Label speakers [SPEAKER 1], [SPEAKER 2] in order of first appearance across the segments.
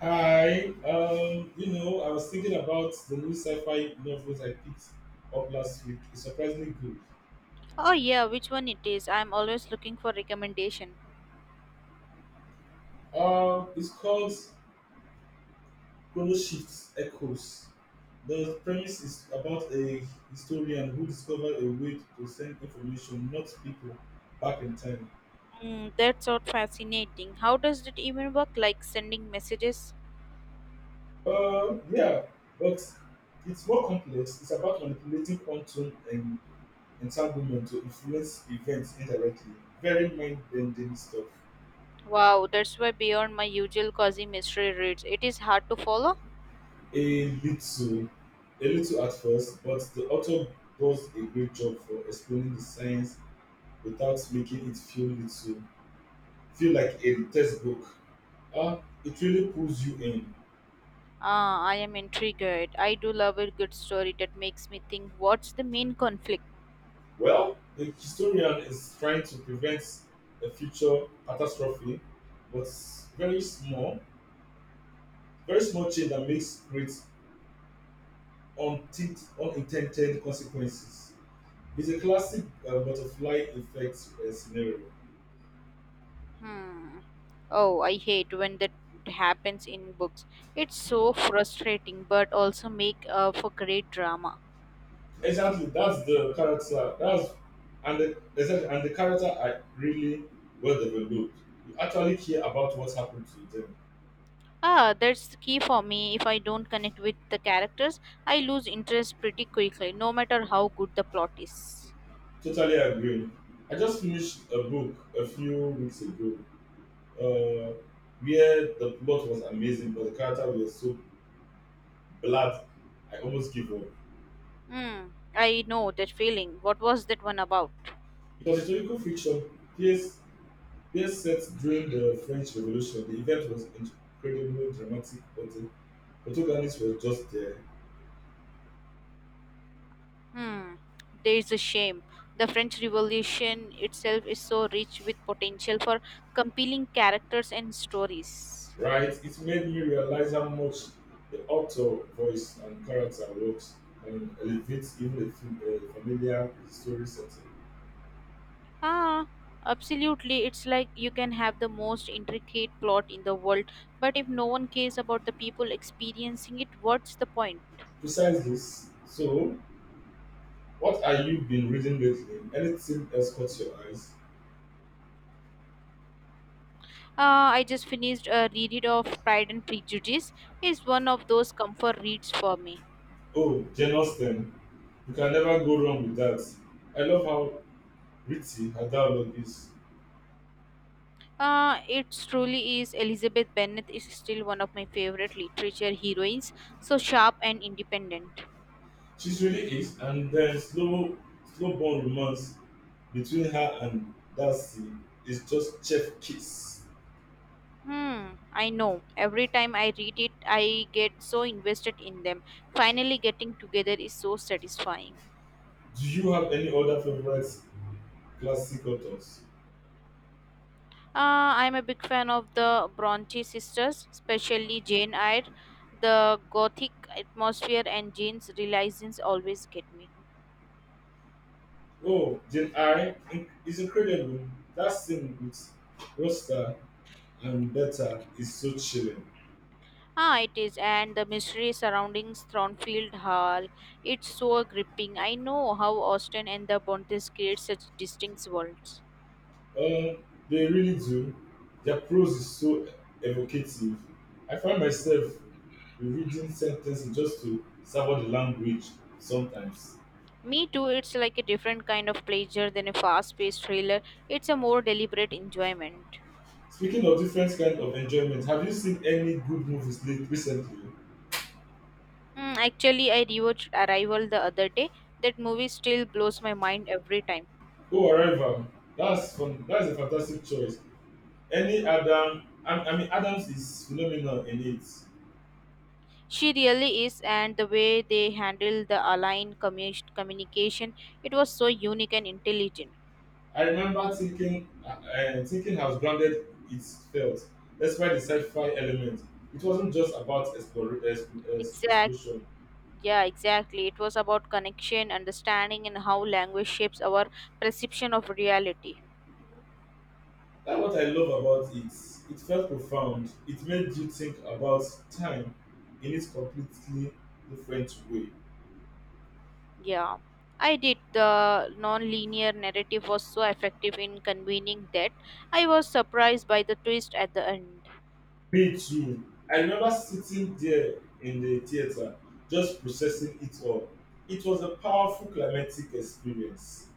[SPEAKER 1] Hi, I was thinking about the new sci-fi novels I picked up last week. It's surprisingly good.
[SPEAKER 2] Oh yeah, which one it is? I'm always looking for recommendation.
[SPEAKER 1] It's called Chrono Shift Echoes. The premise is about a historian who discovered a way to send information, not people, back in time.
[SPEAKER 2] That's so fascinating. How does it even work? Like sending messages?
[SPEAKER 1] Yeah, but it's more complex. It's about manipulating quantum and entanglement to influence events indirectly. Very mind-bending stuff.
[SPEAKER 2] Wow, that's way beyond my usual cozy mystery reads. It is hard to follow.
[SPEAKER 1] A little, a little at first, but the author does a great job for explaining the science without making it feel like a textbook. Ah, it really pulls you in.
[SPEAKER 2] Ah, I am intrigued. I do love a good story that makes me think. What's the main conflict?
[SPEAKER 1] Well, the historian is trying to prevent a future catastrophe, but very small, very small change that makes great unintended consequences. It's a classic butterfly effect scenario.
[SPEAKER 2] Hmm. Oh, I hate when that happens in books. It's so frustrating, but also make for great drama.
[SPEAKER 1] Exactly, that's the character. That's and the, exactly, and the character are really well developed. You actually care about what's happened to them.
[SPEAKER 2] Ah, that's the key for me. If I don't connect with the characters, I lose interest pretty quickly, no matter how good the plot is.
[SPEAKER 1] Totally agree. I just finished a book a few weeks ago, uh, where the plot was amazing, but the character was so bland. I almost give up.
[SPEAKER 2] Hmm, I know that feeling. What was that one about?
[SPEAKER 1] It was historical fiction, place place set during the French Revolution. The event was incredibly dramatic, but the protagonist was just there,
[SPEAKER 2] Hmm, there is a shame. The French Revolution itself is so rich with potential for compelling characters and stories.
[SPEAKER 1] right? It made me realize how much the author voice and character works and elevates even a familiar story setting.
[SPEAKER 2] Ah, absolutely. It's like you can have the most intricate plot in the world, but if no one cares about the people experiencing it, what's the point?
[SPEAKER 1] Besides this, so what are you been reading lately? Anything else caught your eyes?
[SPEAKER 2] I just finished a reread of Pride and Prejudice. It's one of those comfort reads for me.
[SPEAKER 1] Oh, Jane Austen. You can never go wrong with that. I love how witty her dialogue is.
[SPEAKER 2] It truly is. Elizabeth Bennet is still one of my favorite literature heroines, so sharp and independent.
[SPEAKER 1] She really is, and then slow burn romance between her and Darcy is just chef kiss.
[SPEAKER 2] I know. Every time I read it, I get so invested in them. Finally, getting together is so satisfying.
[SPEAKER 1] Do you have any other favorite classic authors?
[SPEAKER 2] I'm a big fan of the Bronte sisters, especially Jane Eyre. The gothic atmosphere and Jane's realisms always get me.
[SPEAKER 1] Oh, Jane Eyre is incredible. That scene with Rosta and Beta is so chilling.
[SPEAKER 2] Ah, it is, and the mystery surrounding Thornfield Hall. It's so gripping. I know how Austin and the Bontes create such distinct worlds.
[SPEAKER 1] Um, they really do. Their prose is so evocative. I find myself reading sentences just to savor the language sometimes.
[SPEAKER 2] Me too, it's like a different kind of pleasure than a fast paced thriller. It's a more deliberate enjoyment.
[SPEAKER 1] Speaking of different kind of enjoyment, have you seen any good movies late recently?
[SPEAKER 2] Actually, I rewatched Arrival the other day. That movie still blows my mind every time.
[SPEAKER 1] Oh, Arrival. That's fun. That's a fantastic choice. Any Adams is phenomenal in it.
[SPEAKER 2] She really is, and the way they handled the aligned communication, it was so unique and intelligent.
[SPEAKER 1] I remember thinking how grounded it felt, despite the sci-fi element. It wasn't just about
[SPEAKER 2] Exactly.
[SPEAKER 1] explosion.
[SPEAKER 2] Yeah, exactly. It was about connection, understanding, and how language shapes our perception of reality.
[SPEAKER 1] That's what I love about it. It felt profound. It made you think about time in its completely different way.
[SPEAKER 2] Yeah, I did. The non-linear narrative was so effective in convening that I was surprised by the twist at the end.
[SPEAKER 1] Me too. I remember sitting there in the theater, just processing it all. It was a powerful climatic experience.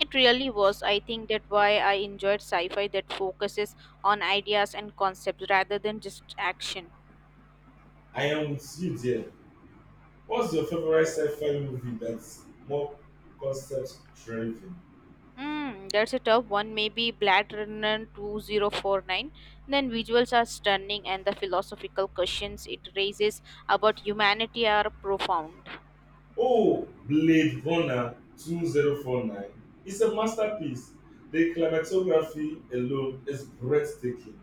[SPEAKER 2] It really was. I think that why I enjoyed sci-fi that focuses on ideas and concepts rather than just action.
[SPEAKER 1] I am with you there. What's your favorite sci-fi movie that's more concept driven?
[SPEAKER 2] That's a tough one. Maybe Blade Runner 2049. Then visuals are stunning, and the philosophical questions it raises about humanity are profound.
[SPEAKER 1] Oh, Blade Runner 2049. It's a masterpiece. The cinematography alone is breathtaking.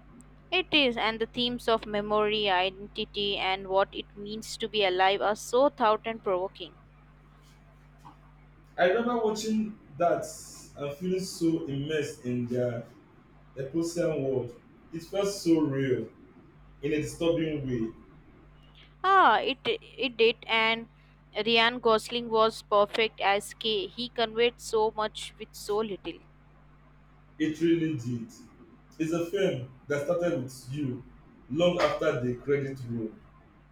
[SPEAKER 2] It is, and the themes of memory, identity, and what it means to be alive are so thought and provoking.
[SPEAKER 1] I remember watching that and feeling so immersed in their Epocean world. It felt so real in a disturbing way.
[SPEAKER 2] Ah, it did, and Ryan Gosling was perfect as K. He conveyed so much with so little.
[SPEAKER 1] It really did. It's a film that started with you long after the credit roll.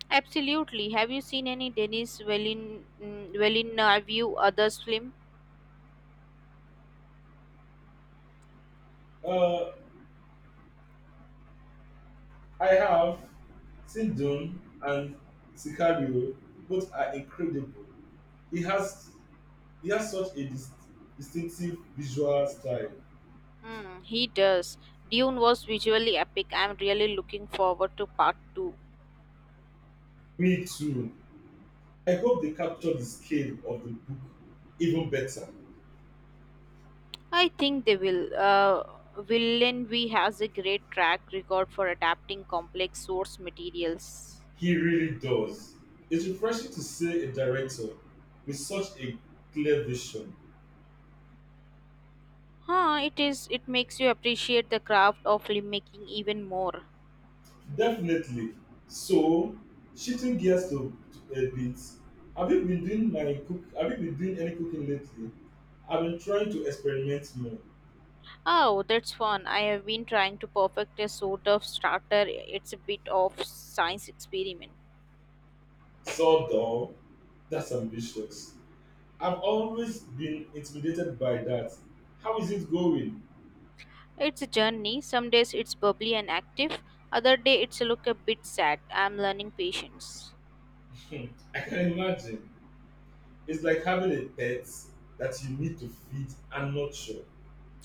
[SPEAKER 2] Absolutely. Have you seen any Denis Villeneuve others film?
[SPEAKER 1] Uh, I have Sindune and Sicario, both are incredible. He has he has such a distinctive visual style.
[SPEAKER 2] He does. Dune was visually epic. I'm really looking forward to part two.
[SPEAKER 1] Me too. I hope they capture the scale of the book even better.
[SPEAKER 2] I think they will. Villeneuve has a great track record for adapting complex source materials.
[SPEAKER 1] He really does. It's refreshing to see a director with such a clear vision.
[SPEAKER 2] Huh, it is. It makes you appreciate the craft of filmmaking even more.
[SPEAKER 1] Definitely. So, shifting gears to, to a bit, have you been doing any cooking lately? I've been trying to experiment more.
[SPEAKER 2] Oh, that's fun. I have been trying to perfect a sort of starter. It's a bit of science experiment.
[SPEAKER 1] So, though, that's ambitious. I've always been intimidated by that. How is it going?
[SPEAKER 2] It's a journey. Some days it's bubbly and active, other day it's look a bit sad. I'm learning patience.
[SPEAKER 1] Hmm, I can imagine. It's like having a pet that you need to feed and nurture.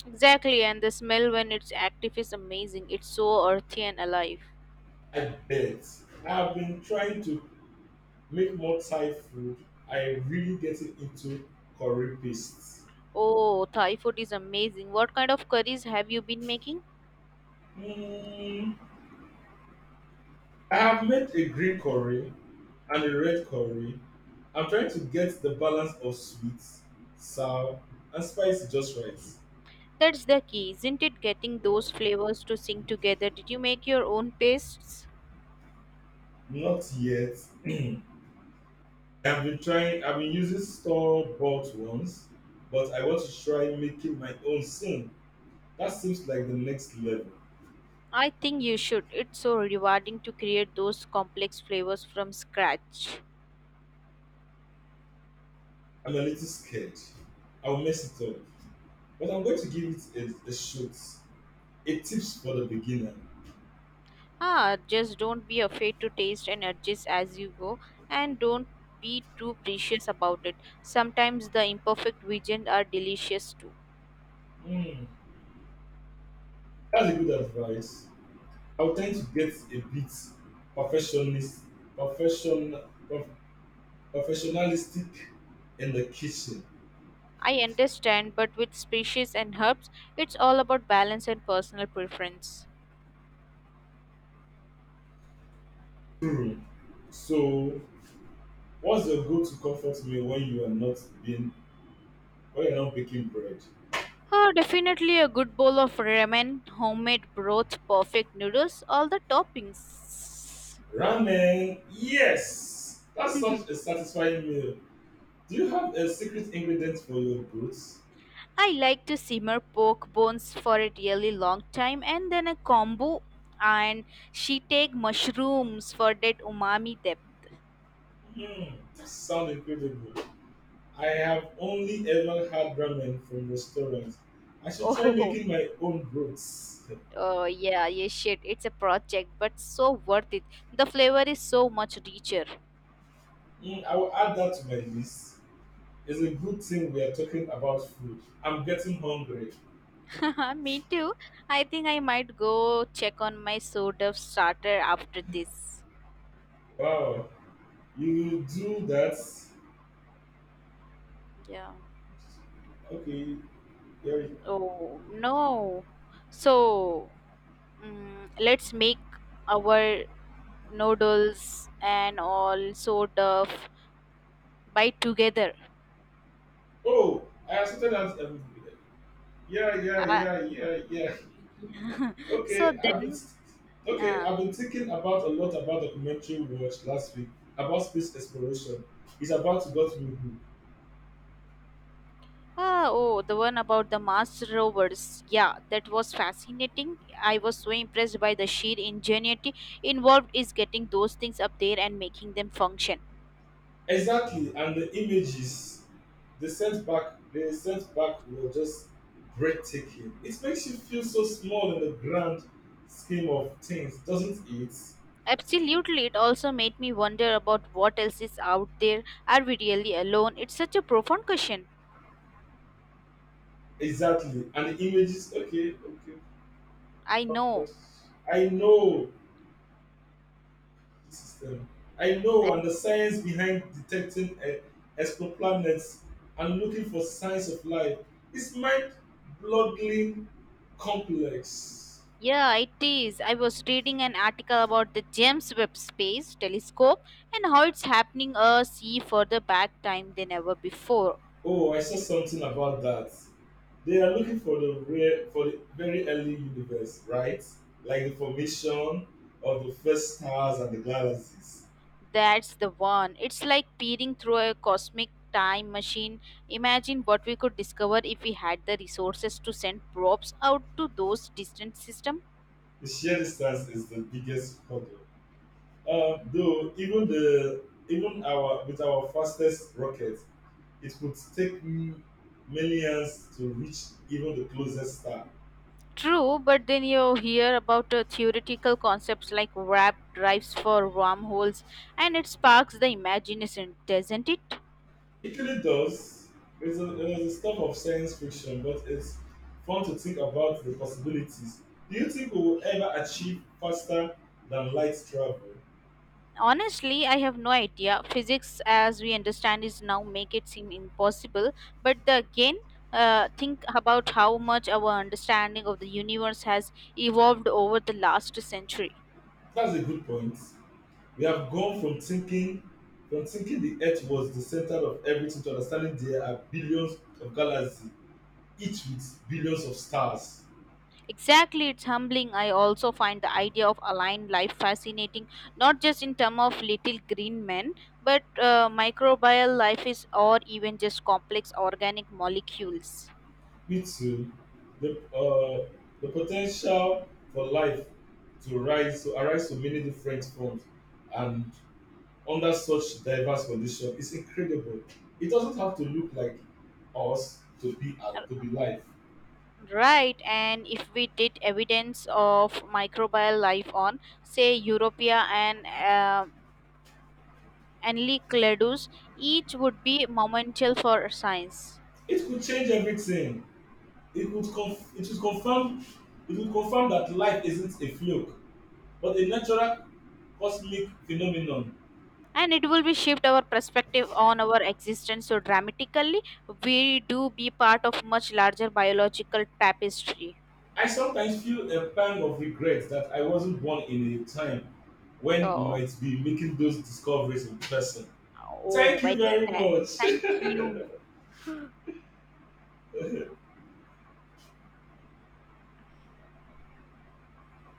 [SPEAKER 2] Exactly, and the smell when it's active is amazing. It's so earthy and alive.
[SPEAKER 1] I bet. I've been trying to make more Thai food. I am really getting into curry paste.
[SPEAKER 2] Oh, Thai food is amazing. What kind of curries have you been making?
[SPEAKER 1] Mm, I have made a green curry and a red curry. I'm trying to get the balance of sweet, sour, and spicy just right.
[SPEAKER 2] That's the key, isn't it? Getting
[SPEAKER 1] Well,
[SPEAKER 2] those flavors to sing together. Did you make your own pastes?
[SPEAKER 1] not yet. I've been trying. I've been using store bought ones, but I want to try making my own soon. That seems like the next level.
[SPEAKER 2] I think you should. It's so rewarding to create those complex flavors from scratch.
[SPEAKER 1] I'm a little scared. I'll mess it up, but I'm going to give it a shot. A tips for the beginner.
[SPEAKER 2] Ah, just don't be afraid to taste and adjust as you go, and don't be too precious about it. Sometimes the imperfect visions are delicious too.
[SPEAKER 1] Mm, that's a good advice. I would tend to get a bit perfectionist, perfection, perf- perfectionistic in the kitchen.
[SPEAKER 2] I understand, but with species and herbs, it's all about balance and personal preference.
[SPEAKER 1] Hmm. So, what's your go-to comfort meal when you are not being when you're not baking bread?
[SPEAKER 2] Ah, definitely a good bowl of ramen, homemade broth, perfect noodles, all the toppings.
[SPEAKER 1] Ramen. Yes, that's such a satisfying meal. Do you have a secret ingredient for your goods?
[SPEAKER 2] I like to simmer pork bones for a really long time and then a kombu, and she take mushrooms for that umami depth.
[SPEAKER 1] Hmm, that sounds incredible. I have only ever had ramen from restaurants. I should try
[SPEAKER 2] Oh,
[SPEAKER 1] making my own broths.
[SPEAKER 2] oh yeah, yeah shit. It's a project but so worth it. The flavor is so much richer.
[SPEAKER 1] Mm, I will add that to my list. It's a good thing we are talking about food. I'm getting hungry.
[SPEAKER 2] Me too. I think I might go check on my soda starter after this.
[SPEAKER 1] Wow, you do that?
[SPEAKER 2] Yeah.
[SPEAKER 1] Okay. Yeah.
[SPEAKER 2] Oh no. So let's make our noodles and all sort of bite together.
[SPEAKER 1] Oh, I accepted that. Yeah, yeah,
[SPEAKER 2] Uh,
[SPEAKER 1] yeah, yeah, yeah.
[SPEAKER 2] so
[SPEAKER 1] Okay, I've been
[SPEAKER 2] then,
[SPEAKER 1] okay,
[SPEAKER 2] uh,
[SPEAKER 1] I've been thinking about a lot about documentary we watched last week about space exploration. It's about to get me.
[SPEAKER 2] ah, oh, the one about the Mars rovers. Yeah, that was fascinating. I was so impressed by the sheer ingenuity involved is getting those things up there and making them function.
[SPEAKER 1] Exactly, and they sent back, they sent back were just breathtaking. It makes you feel so small in the grand scheme of things, doesn't it?
[SPEAKER 2] Absolutely, it also made me wonder about what else is out there. Are we really alone? It's such a profound question.
[SPEAKER 1] Exactly, and the images. Okay,
[SPEAKER 2] I
[SPEAKER 1] fuck, fuck.
[SPEAKER 2] know.
[SPEAKER 1] I know the system. I know, and the science behind detecting exoplanets and looking for signs of life is mind-boggling complex.
[SPEAKER 2] Yeah, it is. I was reading an article about the James Webb Space Telescope and how it's happening a see further back time than ever before.
[SPEAKER 1] Oh, I saw something about that. They are looking for the very early universe, right? Like the formation of the first stars and the galaxies.
[SPEAKER 2] That's the one. It's like peering through a cosmic time machine. Imagine what we could discover if we had the resources to send probes out to those distant systems.
[SPEAKER 1] The sheer distance is the biggest hurdle. Though even the even our with our fastest rocket, it could take millions to reach even the closest star.
[SPEAKER 2] True, but then you hear about theoretical concepts like warp drives for wormholes, and it sparks the imagination, doesn't it?
[SPEAKER 1] It really does. It was a stuff of science fiction, but it's fun to think about the possibilities. Do you think we will ever achieve faster than light travel?
[SPEAKER 2] Honestly, I have no idea. Physics, as we understand, is now make it seem impossible. But again, think about how much our understanding of the universe has evolved over the last century.
[SPEAKER 1] That's a good point. We have gone from thinking the Earth was the center of everything to understanding there are billions of galaxies, each with billions of stars.
[SPEAKER 2] Exactly, it's humbling. I also find the idea of aligned life fascinating, not just in terms of little green men, but microbial life is, or even just complex organic molecules.
[SPEAKER 1] Me too. The uh, the potential for life to rise to arise to many different forms and under such diverse conditions is incredible. It doesn't have to look like us to be life.
[SPEAKER 2] Right, and if we did evidence of microbial life on, say, Europea and Enceladus, each would be monumental for science.
[SPEAKER 1] It could change everything. It would it would confirm that life isn't a fluke, but a natural cosmic phenomenon.
[SPEAKER 2] And it will be shift our perspective on our existence so dramatically. We do be part of much larger biological tapestry.
[SPEAKER 1] I sometimes feel a pang of regret that I wasn't born in a time when we
[SPEAKER 2] So,
[SPEAKER 1] might be making those discoveries in person.
[SPEAKER 2] oh,
[SPEAKER 1] Thank you
[SPEAKER 2] very
[SPEAKER 1] very
[SPEAKER 2] sad.
[SPEAKER 1] much.
[SPEAKER 2] Thank you.